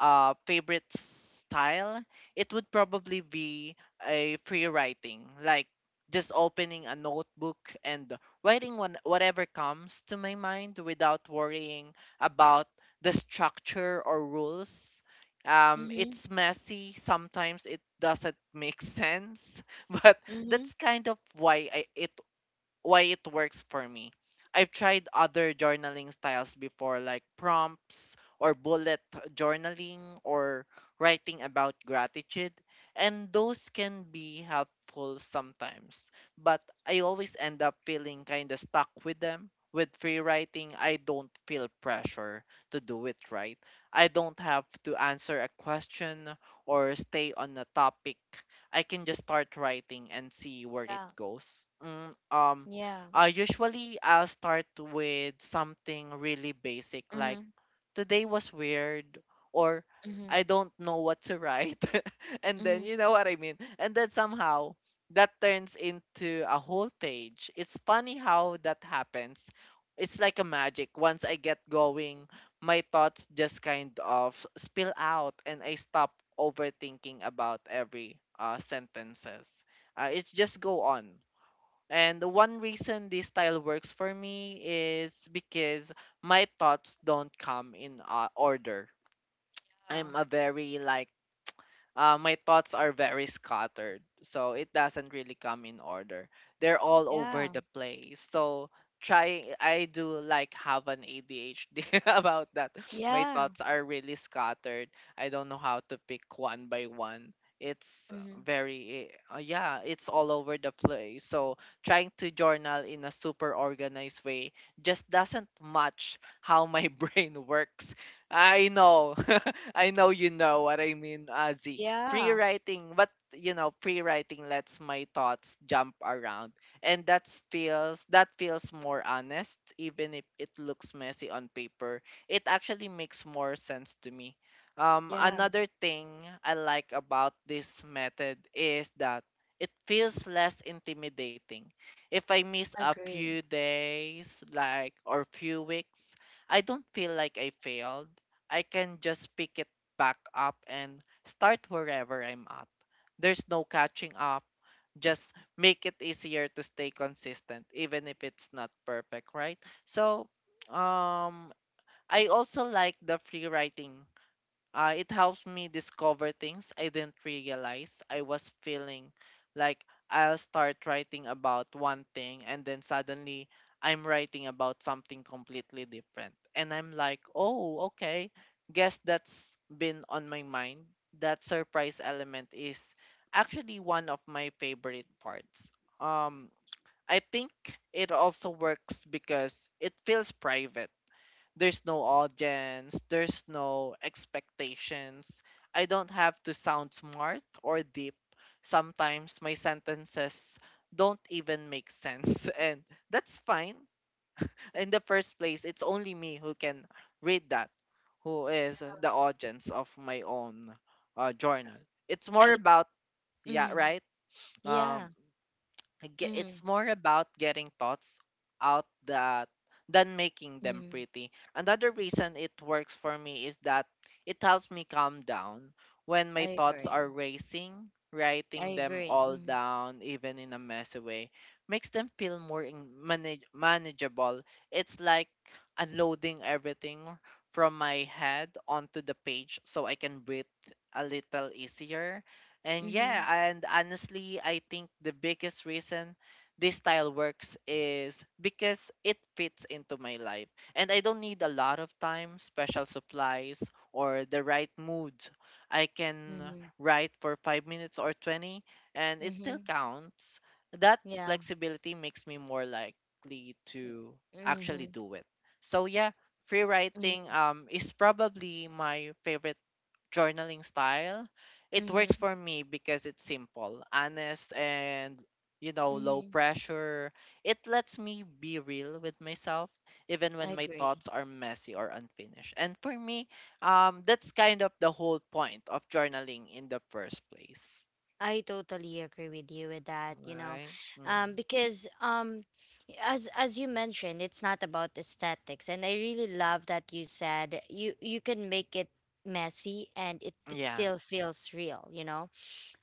a favorite style, it would probably be a free writing, like just opening a notebook and writing one, whatever comes to my mind without worrying about the structure or rules.
Mm-hmm.
It's messy. Sometimes it doesn't make sense, but
Mm-hmm.
that's kind of why I, it why it works for me. I've tried other journaling styles before, like prompts or bullet journaling or writing about gratitude, and those can be helpful sometimes. But I always end up feeling kind of stuck with them. With free writing, I don't feel pressure to do it right. I don't have to answer a question or stay on a topic. I can just start writing and see where it
Yeah.
goes. Mm,
Yeah.
usually I'll start with something really basic
Mm-hmm.
like today was weird or
Mm-hmm.
I don't know what to write. and then
Mm-hmm.
you know what I mean. And then somehow that turns into a whole page. It's funny how that happens. It's like a magic. Once I get going, my thoughts just kind of spill out and I stop overthinking about every sentences. It's just go on. And the one reason this style works for me is because my thoughts don't come in order.
Yeah.
I'm a very like my thoughts are very scattered. So it doesn't really come in order. They're all over
Yeah.
the place. So try I do like have an ADHD about that. My
Yeah.
thoughts are really scattered. I don't know how to pick one by one. It's
Mm-hmm.
very eh, yeah, it's all over the place. So trying to journal in a super organized way just doesn't match how my brain works. I know. I know you know what I mean, Azzy free
Yeah.
writing but you know free writing lets my thoughts jump around and that feels more honest even if it looks messy on paper it actually makes more sense to me
Yeah.
another thing I like about this method is that it feels less intimidating if I miss a
Agree.
few days like or few weeks I don't feel like I failed I can just pick it back up and Start wherever I'm at. There's no catching up. Just make it easier to stay consistent, even if it's not perfect, right? So, um, I also like the free writing it helps me discover things I didn't realize I was feeling. Like, I'll start writing about one thing, and then suddenly I'm writing about something completely different. And I'm like, oh, okay. Guess that's been on my mind. That surprise element is actually one of my favorite parts. Um, I think it also works because it feels private there's no audience, there's no expectations. I don't have to sound smart or deep. Sometimes my sentences don't even make sense, and that's fine. In the first place, it's only me who can read that, who is the audience of my own journal. It's more
I.
about, yeah,
Mm-hmm.
right? Um,
Yeah.
ge-
Mm-hmm.
it's more about getting thoughts out that than making them
Mm-hmm.
pretty. Another reason it works for me is that it helps me calm down when my
I
thoughts
agree.
are racing.
I
Writing them
agree.
all
Mm-hmm.
down, even in a messy way, makes them feel more in- manage- manageable. It's like unloading everything from my head onto the page so I can breathe a little easier and
Mm-hmm.
yeah, and honestly, I think the biggest reason this style works is because it fits into my life. And I don't need a lot of time, special supplies, or the right mood. I can
Mm-hmm.
write for 5 minutes or 20, and it still
Mm-hmm.
counts. That
Yeah.
flexibility makes me more likely to actually
Mm-hmm.
do it. So yeah, free writing
Mm-hmm.
is probably my favorite journaling style, it works
Mm-hmm.
for me because it's simple, honest, and you know, low
Mm-hmm.
pressure. It lets me be real with myself, even
I
when my
agree.
thoughts are messy or unfinished. And for me, that's kind of the whole point of journaling in the first place,
I totally agree with you with that, you know.
right?
Um,
hmm
because um as you mentioned, it's not about aesthetics. And I really love that you said you can make it messy and it
Yeah,
still feels real, you know?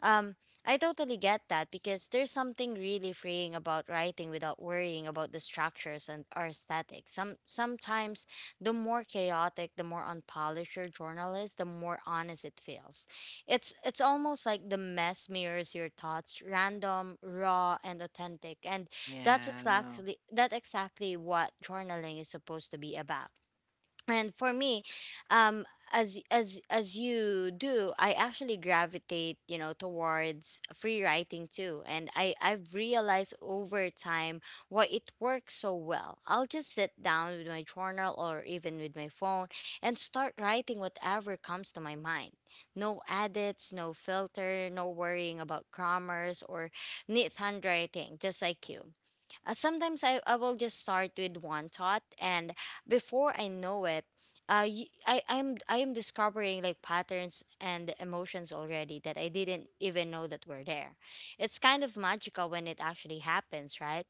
Um, I totally get that because there's something really freeing about writing without worrying about the structures and or aesthetic. Sometimes the more chaotic, the more unpolished your journal is, the more honest it feels. It's almost like the mess mirrors your thoughts, random, raw, and authentic. And
yeah.
that exactly what journaling is supposed to be about. And for me, um as you do, I actually gravitate, you know, towards free writing too, and I've realized over time why it works so well. I'll just sit down with my journal or even with my phone and start writing whatever comes to my mind, no edits, no filter, no worrying about grammars or neat handwriting, just like you. Sometimes, I will just start with one thought, and before I know it, I am discovering like patterns and emotions already that I didn't even know that were there. It's kind of magical when it actually happens, right?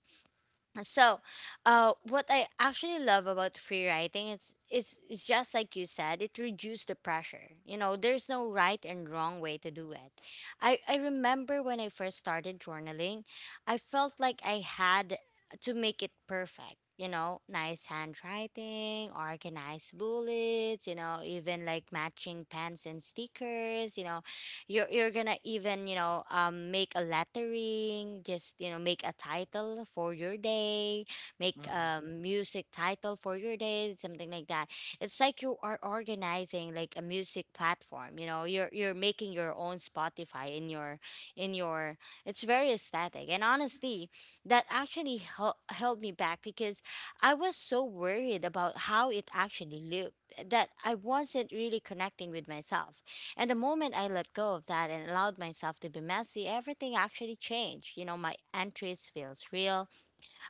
So what I actually love about free writing, it's just like you said, it reduced the pressure, you know. There's no right and wrong way to do it. I remember when I first started journaling, I felt like I had to make it perfect, you know, nice handwriting, organized bullets, you know, even like matching pens and stickers. You know, you're gonna even, you know, make a lettering, just, you know, make a title for your day, make
hmm
a music title for your day, something like that. It's like you are organizing like a music platform. You know, you're making your own Spotify in your in your. It's very aesthetic, and honestly, that actually held me back because I was so worried about how it actually looked that I wasn't really connecting with myself. And the moment I let go of that and allowed myself to be messy, everything actually changed. You know, my entries feels real.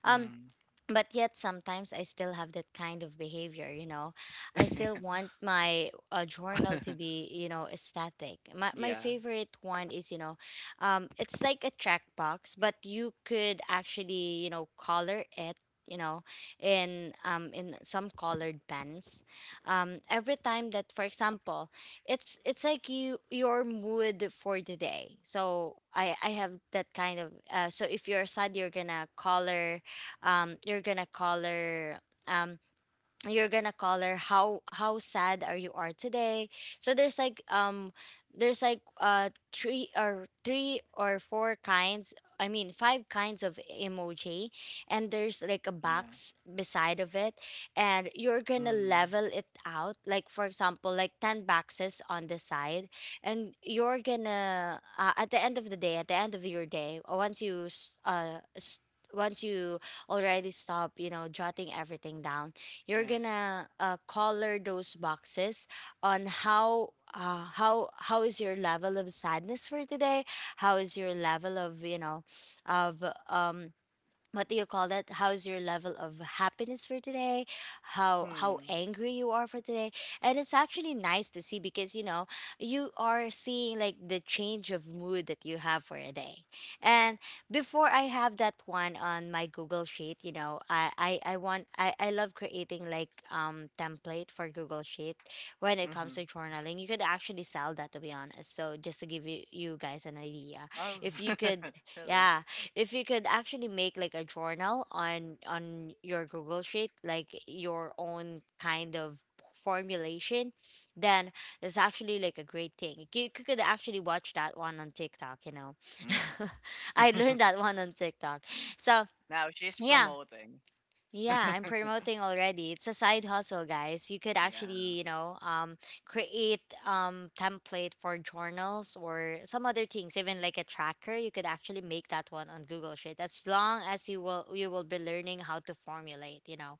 Um,
Mm.
but yet sometimes I still have that kind of behavior, you know, I still want my journal to be, you know, static. My
yeah.
favorite one is, you know, it's like a checkbox, but you could actually, you know, color it, you know, in some colored pens every time that, for example, it's like you, your mood for the day. So I have that kind of, so if you're sad, you're gonna color, you're gonna color, um, you're gonna call her how sad are you are today. So there's like three or four kinds, I mean five kinds of emoji, and there's like a
Yeah.
box beside of it. And you're gonna
Mm.
level it out, like for example, like 10 boxes on the side. And you're gonna at the end of the day, at the end of your day, once you already stop, you know, jotting everything down, you're
Yeah.
gonna color those boxes on how is your level of sadness for today, how is your level of, you know, of, um what do you call that, how's your level of happiness for today, how
Hmm.
angry you are for today. And it's actually nice to see, because you know, you are seeing like the change of mood that you have for a day. And before, I have that one on my Google Sheet, you know, I want I love creating like template for Google Sheet when it comes
Mm-hmm.
to journaling. You could actually sell that, to be honest, so just to give you, you guys an idea,
Oh,
if you could.
really?
Yeah, if you could actually make like a journal on your Google Sheet, like your own kind of formulation, then it's actually like a great thing. You could actually watch that one on TikTok, you know.
Mm.
I learned that one on TikTok. So
now she's
yeah.
promoting.
Yeah, I'm promoting already. It's a side hustle, guys. You could actually,
Yeah.
you know, create template for journals or some other things, even like a tracker. You could actually make that one on Google Sheet, as long as you will be learning how to formulate, you know.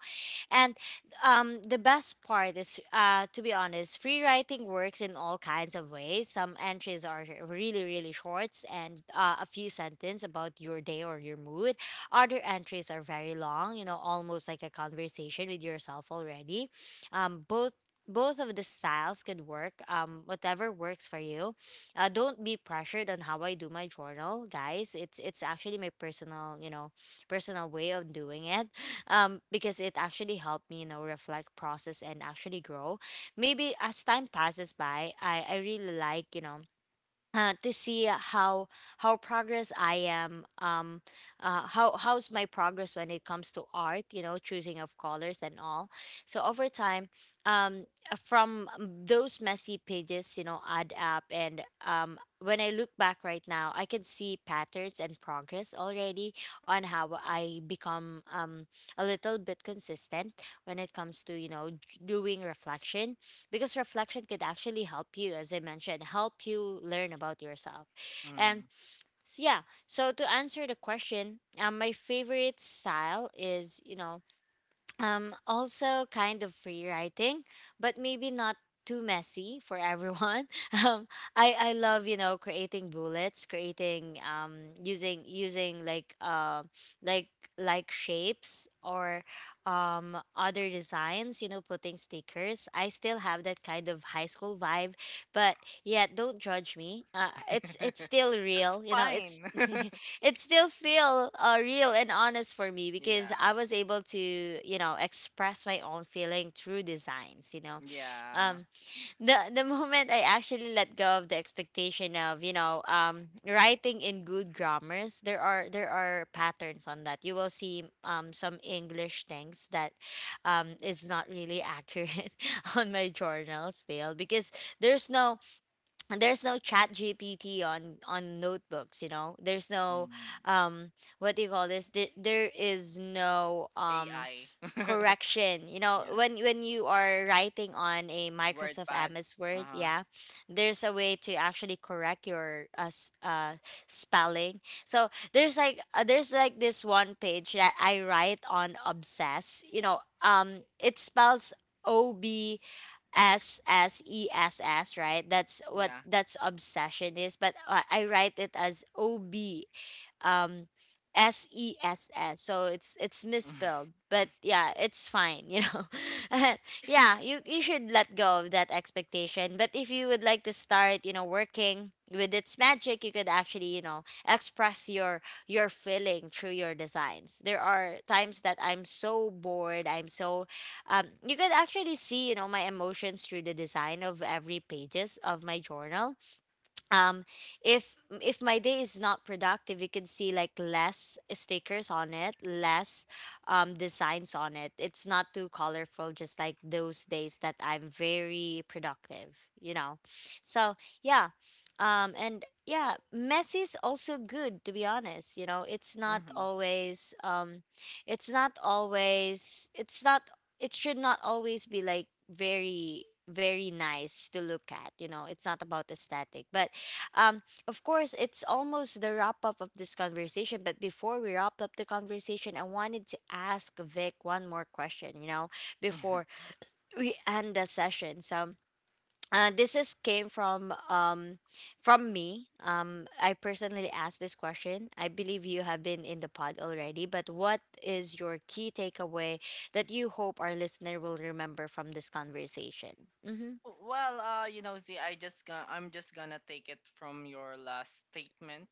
And the best part is, to be honest, free writing works in all kinds of ways. Some entries are really, really shorts and a few sentences about your day or your mood. Other entries are very long, you know, almost like a conversation with yourself already. Um, both both of the styles could work, whatever works for you. Don't be pressured on how I do my journal, guys. It's actually my personal, you know, personal way of doing it. Because it actually helped me, you know, reflect, process, and actually grow. Maybe as time passes by, I really like, you know, to see how progress I am, how how's my progress when it comes to art, you know, choosing of colors and all. So over time, from those messy pages, you know, add up, and when I look back right now, I can see patterns and progress already on how I become a little bit consistent when it comes to, you know, doing reflection, because reflection could actually help you, as I mentioned, help you learn about yourself. And
Mm.
yeah, so to answer the question, my favorite style is, you know, also kind of free writing, but maybe not too messy for everyone. um I love, you know, creating bullets, creating using like like shapes or other designs, you know, putting stickers. I still have that kind of high school vibe, but yeah, don't judge me. It's still
That's
real, you know. It's
fine.
It still feel real and honest for me, because
yeah.
I was able to, you know, express my own feeling through designs, you know.
Yeah.
um the moment I actually let go of the expectation of, you know, writing in good grammars, there are patterns on that you will see, some English things that is not really accurate on my journal still, because there's no, and there's no chat gpt on notebooks, you know, there's no
Mm.
um what do you call this, there is no
AI.
correction, you know,
yeah.
when you are writing on a Microsoft
WordPad.
MS
Uh
Word,
huh.
yeah. There's a way to actually correct your spelling. So there's like this one page that I write on obsess, you know. It spells ob SSESS, right? That's what,
Yeah.
that's obsession is. But I write it as O B, um, SESS. So it's misspelled, but yeah, it's fine, you know. Yeah, you should let go of that expectation. But if you would like to start, you know, working with its magic, you could actually, you know, express your feeling through your designs. There are times that I'm so bored, I'm so you could actually see, you know, my emotions through the design of every pages of my journal. um if if my day is not productive, you can see like less stickers on it, less designs on it. It's not too colorful, just like those days that I'm very productive, you know. So yeah. And yeah, messy is also good, to be honest, you know. It's not
hmm
always, it's not, it should not always be like very, very nice to look at, you know. It's not about aesthetic. But of course, it's almost the wrap up of this conversation, but before we wrap up the conversation, I wanted to ask Vic one more question, you know, before we end the session. So, this is came from me. I personally asked this question. I believe you have been in the pod already, but what is your key takeaway that you hope our listener will remember from this conversation? Mm-hmm.
Well, you know, Z, I'm just gonna take it from your last statement.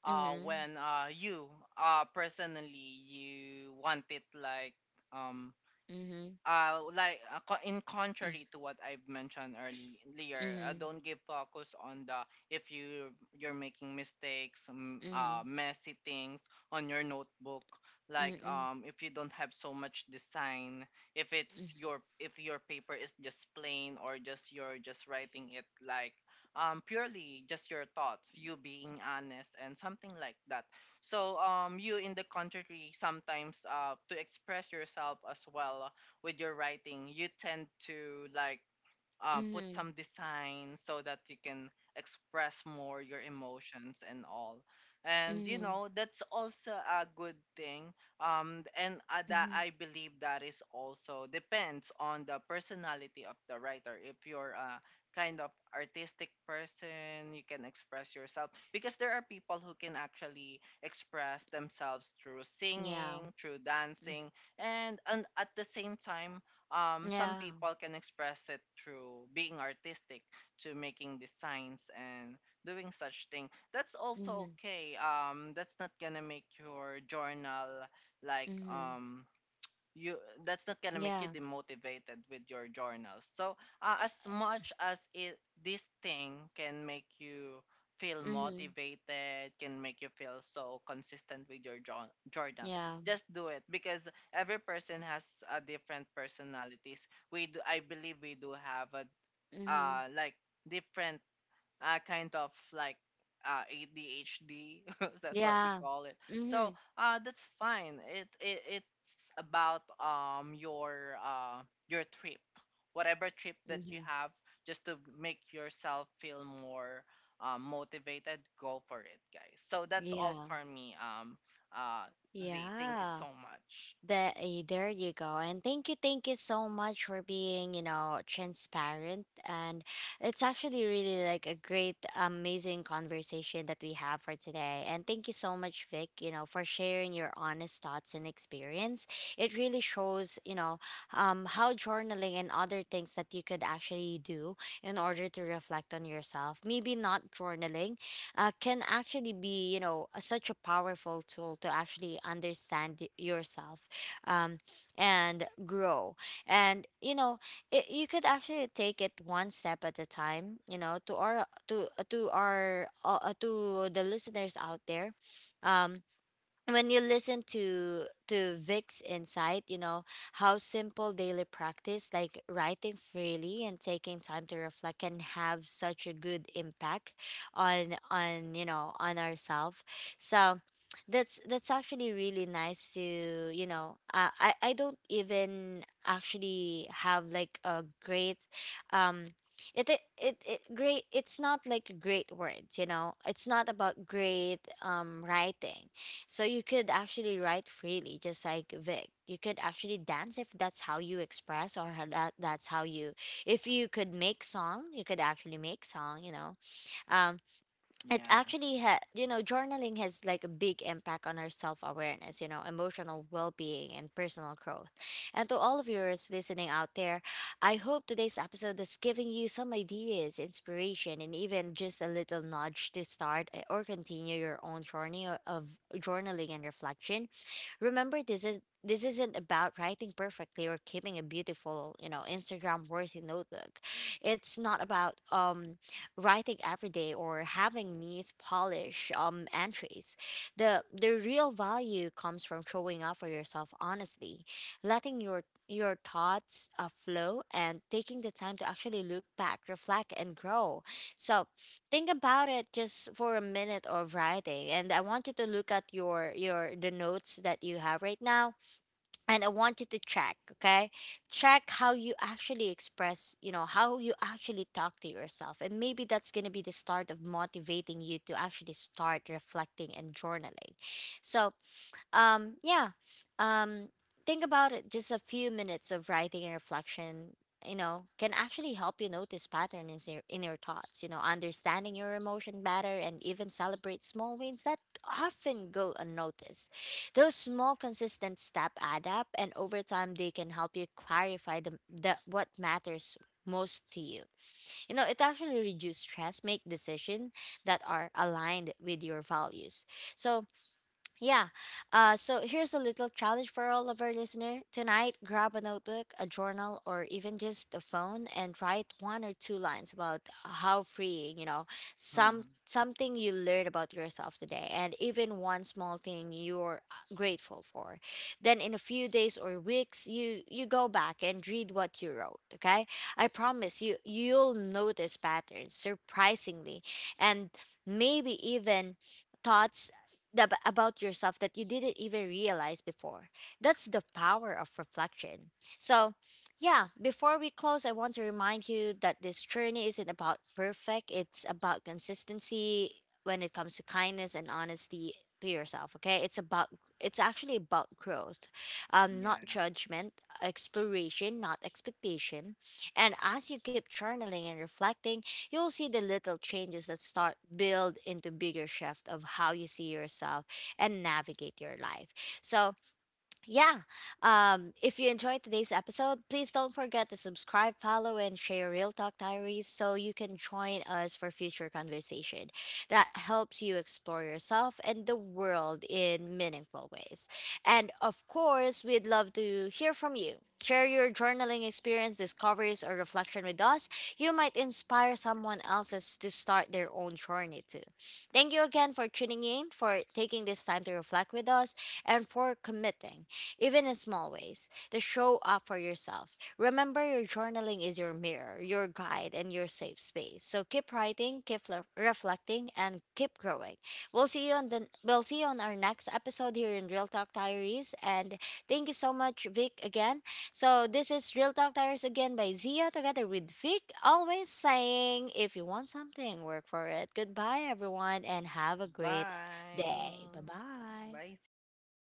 Mm-hmm.
When you personally you want it like, um
Mm-hmm.
in contrary to what I've mentioned earlier,
Mm-hmm. Mm-hmm.
don't give focus on the, if you you're making mistakes,
Mm-hmm.
messy things on your notebook. Like,
Mm-hmm,
if you don't have so much design, if it's
mm-hmm.
your, if your paper is just plain, or just you're just writing it like, purely just your thoughts, you being honest and something like that. So you in the contrary sometimes to express yourself as well with your writing, you tend to like, put
Mhm.
some design so that you can express more your emotions and all. And you
Mhm.
know that's also a good thing. And that,
Mhm.
I believe that is also depends on the personality of the writer. If you're a kind of artistic person, you can express yourself because there are people who can actually express themselves through
Yeah.
singing, through
Mm.
dancing, and at the same time, some
Yeah.
people can express it through being artistic, to making designs and doing such thing. That's also
Mhm.
okay. That's not gonna make your journal like,
Mhm.
you that's not gonna make you
Yeah.
demotivated with your journals. So as much as it, this thing can make you feel
Mhm.
motivated, can make you feel so consistent with your journal,
Yeah.
just do it because every person has a different personalities. We do, I believe we do have a
Mhm.
like different kind of like ADHD. That's what we
Yeah.
call it. So
Mhm.
that's fine. It it's about your trip, whatever trip that you
Mhm.
have, just to make yourself feel more motivated. Go for it, guys. So that's all
Yeah.
for me. Uh, Z, thank you so
Yeah.
much.
There you go. And thank you so much for being, you know, transparent. And it's actually really like a great, amazing conversation that we have for today. And thank you so much, Vic, you know, for sharing your honest thoughts and experience. It really shows, you know, how journaling and other things that you could actually do in order to reflect on yourself, maybe not journaling, can actually be, you know, such a powerful tool to actually understand yourself, um, and grow. And you know, it, you could actually take it one step at a time. You know, to our to the listeners out there. Um, when you listen to Vic's insight, you know, how simple daily practice like writing freely and taking time to reflect can have such a good impact on you know on ourselves. So that's actually really nice to, you know. I don't even actually have like a great um it's not like great words, you know. It's not about great writing. So you could actually write freely, just like Vic. You could actually dance if that's how you express or how that's how you. If you could make song, you could actually make song. You know, um, it
Yeah.
actually you know, journaling has like a big impact on our self-awareness, you know, emotional well-being and personal growth. And to all of yours listening out there, I hope today's episode is giving you some ideas, inspiration, and even just a little nudge to start, or continue your own journey of journaling and reflection. Remember, this isn't about writing perfectly or keeping a beautiful, you know, Instagram worthy notebook. It's not about writing every day or having neat polish entries. The real value comes from showing up for yourself honestly, letting your thoughts flow and taking the time to actually look back, reflect, and grow. So, think about it, just for a minute of writing, and I want you to look at your the notes that you have right now. And I want you to check, okay, check how you actually express, you know, how you actually talk to yourself. And maybe that's going to be the start of motivating you to actually start reflecting and journaling. So yeah. Um, think about it. Just a few minutes of writing and reflection, you know, can actually help you notice patterns in your, thoughts, you know, understanding your emotion better, and even celebrate small wins that often go unnoticed. Those small, consistent step add up, and over time, they can help you clarify the what matters most to you. You know, it actually reduces stress, make decisions that are aligned with your values. So, yeah. So here's a little challenge for all of our listener. Tonight, grab a notebook, a journal, or even just a phone, and write one or two lines about how free, you know, something you learned about yourself today, and even one small thing you're grateful for. Then in a few days or weeks, you go back and read what you wrote, okay? I promise you, you'll notice patterns surprisingly, and maybe even thoughts about yourself that you didn't even realize before. That's the power of reflection. So, yeah, before we close, I want to remind you that this journey isn't about perfect, it's about consistency when it comes to kindness and honesty to yourself, okay? It's about, it's actually about growth, not
Yeah.
judgment, exploration, not expectation. And as you keep journaling and reflecting, you'll see the little changes that start build into bigger shift of how you see yourself and navigate your life. So yeah, if you enjoyed today's episode, please don't forget to subscribe, follow, and share Real Talk Diaries, so you can join us for future conversation that helps you explore yourself and the world in meaningful ways. And of course, we'd love to hear from you. Share your journaling experience, discoveries, or reflection with us. You might inspire someone else's to start their own journey too. Thank you again for tuning in, for taking this time to reflect with us, and for committing, even in small ways, to show up for yourself. Remember, your journaling is your mirror, your guide, and your safe space. So keep writing, keep reflecting, and keep growing. We'll see you on our next episode here in Real Talk Diaries. And thank you so much, Vic, again. So this is Real Talk Diaries again by Zia together with Vic. Always saying, if you want something, work for it. Goodbye, everyone, and have a great day. Bye
Bye.
bye.
Bye, Z. Bye bye.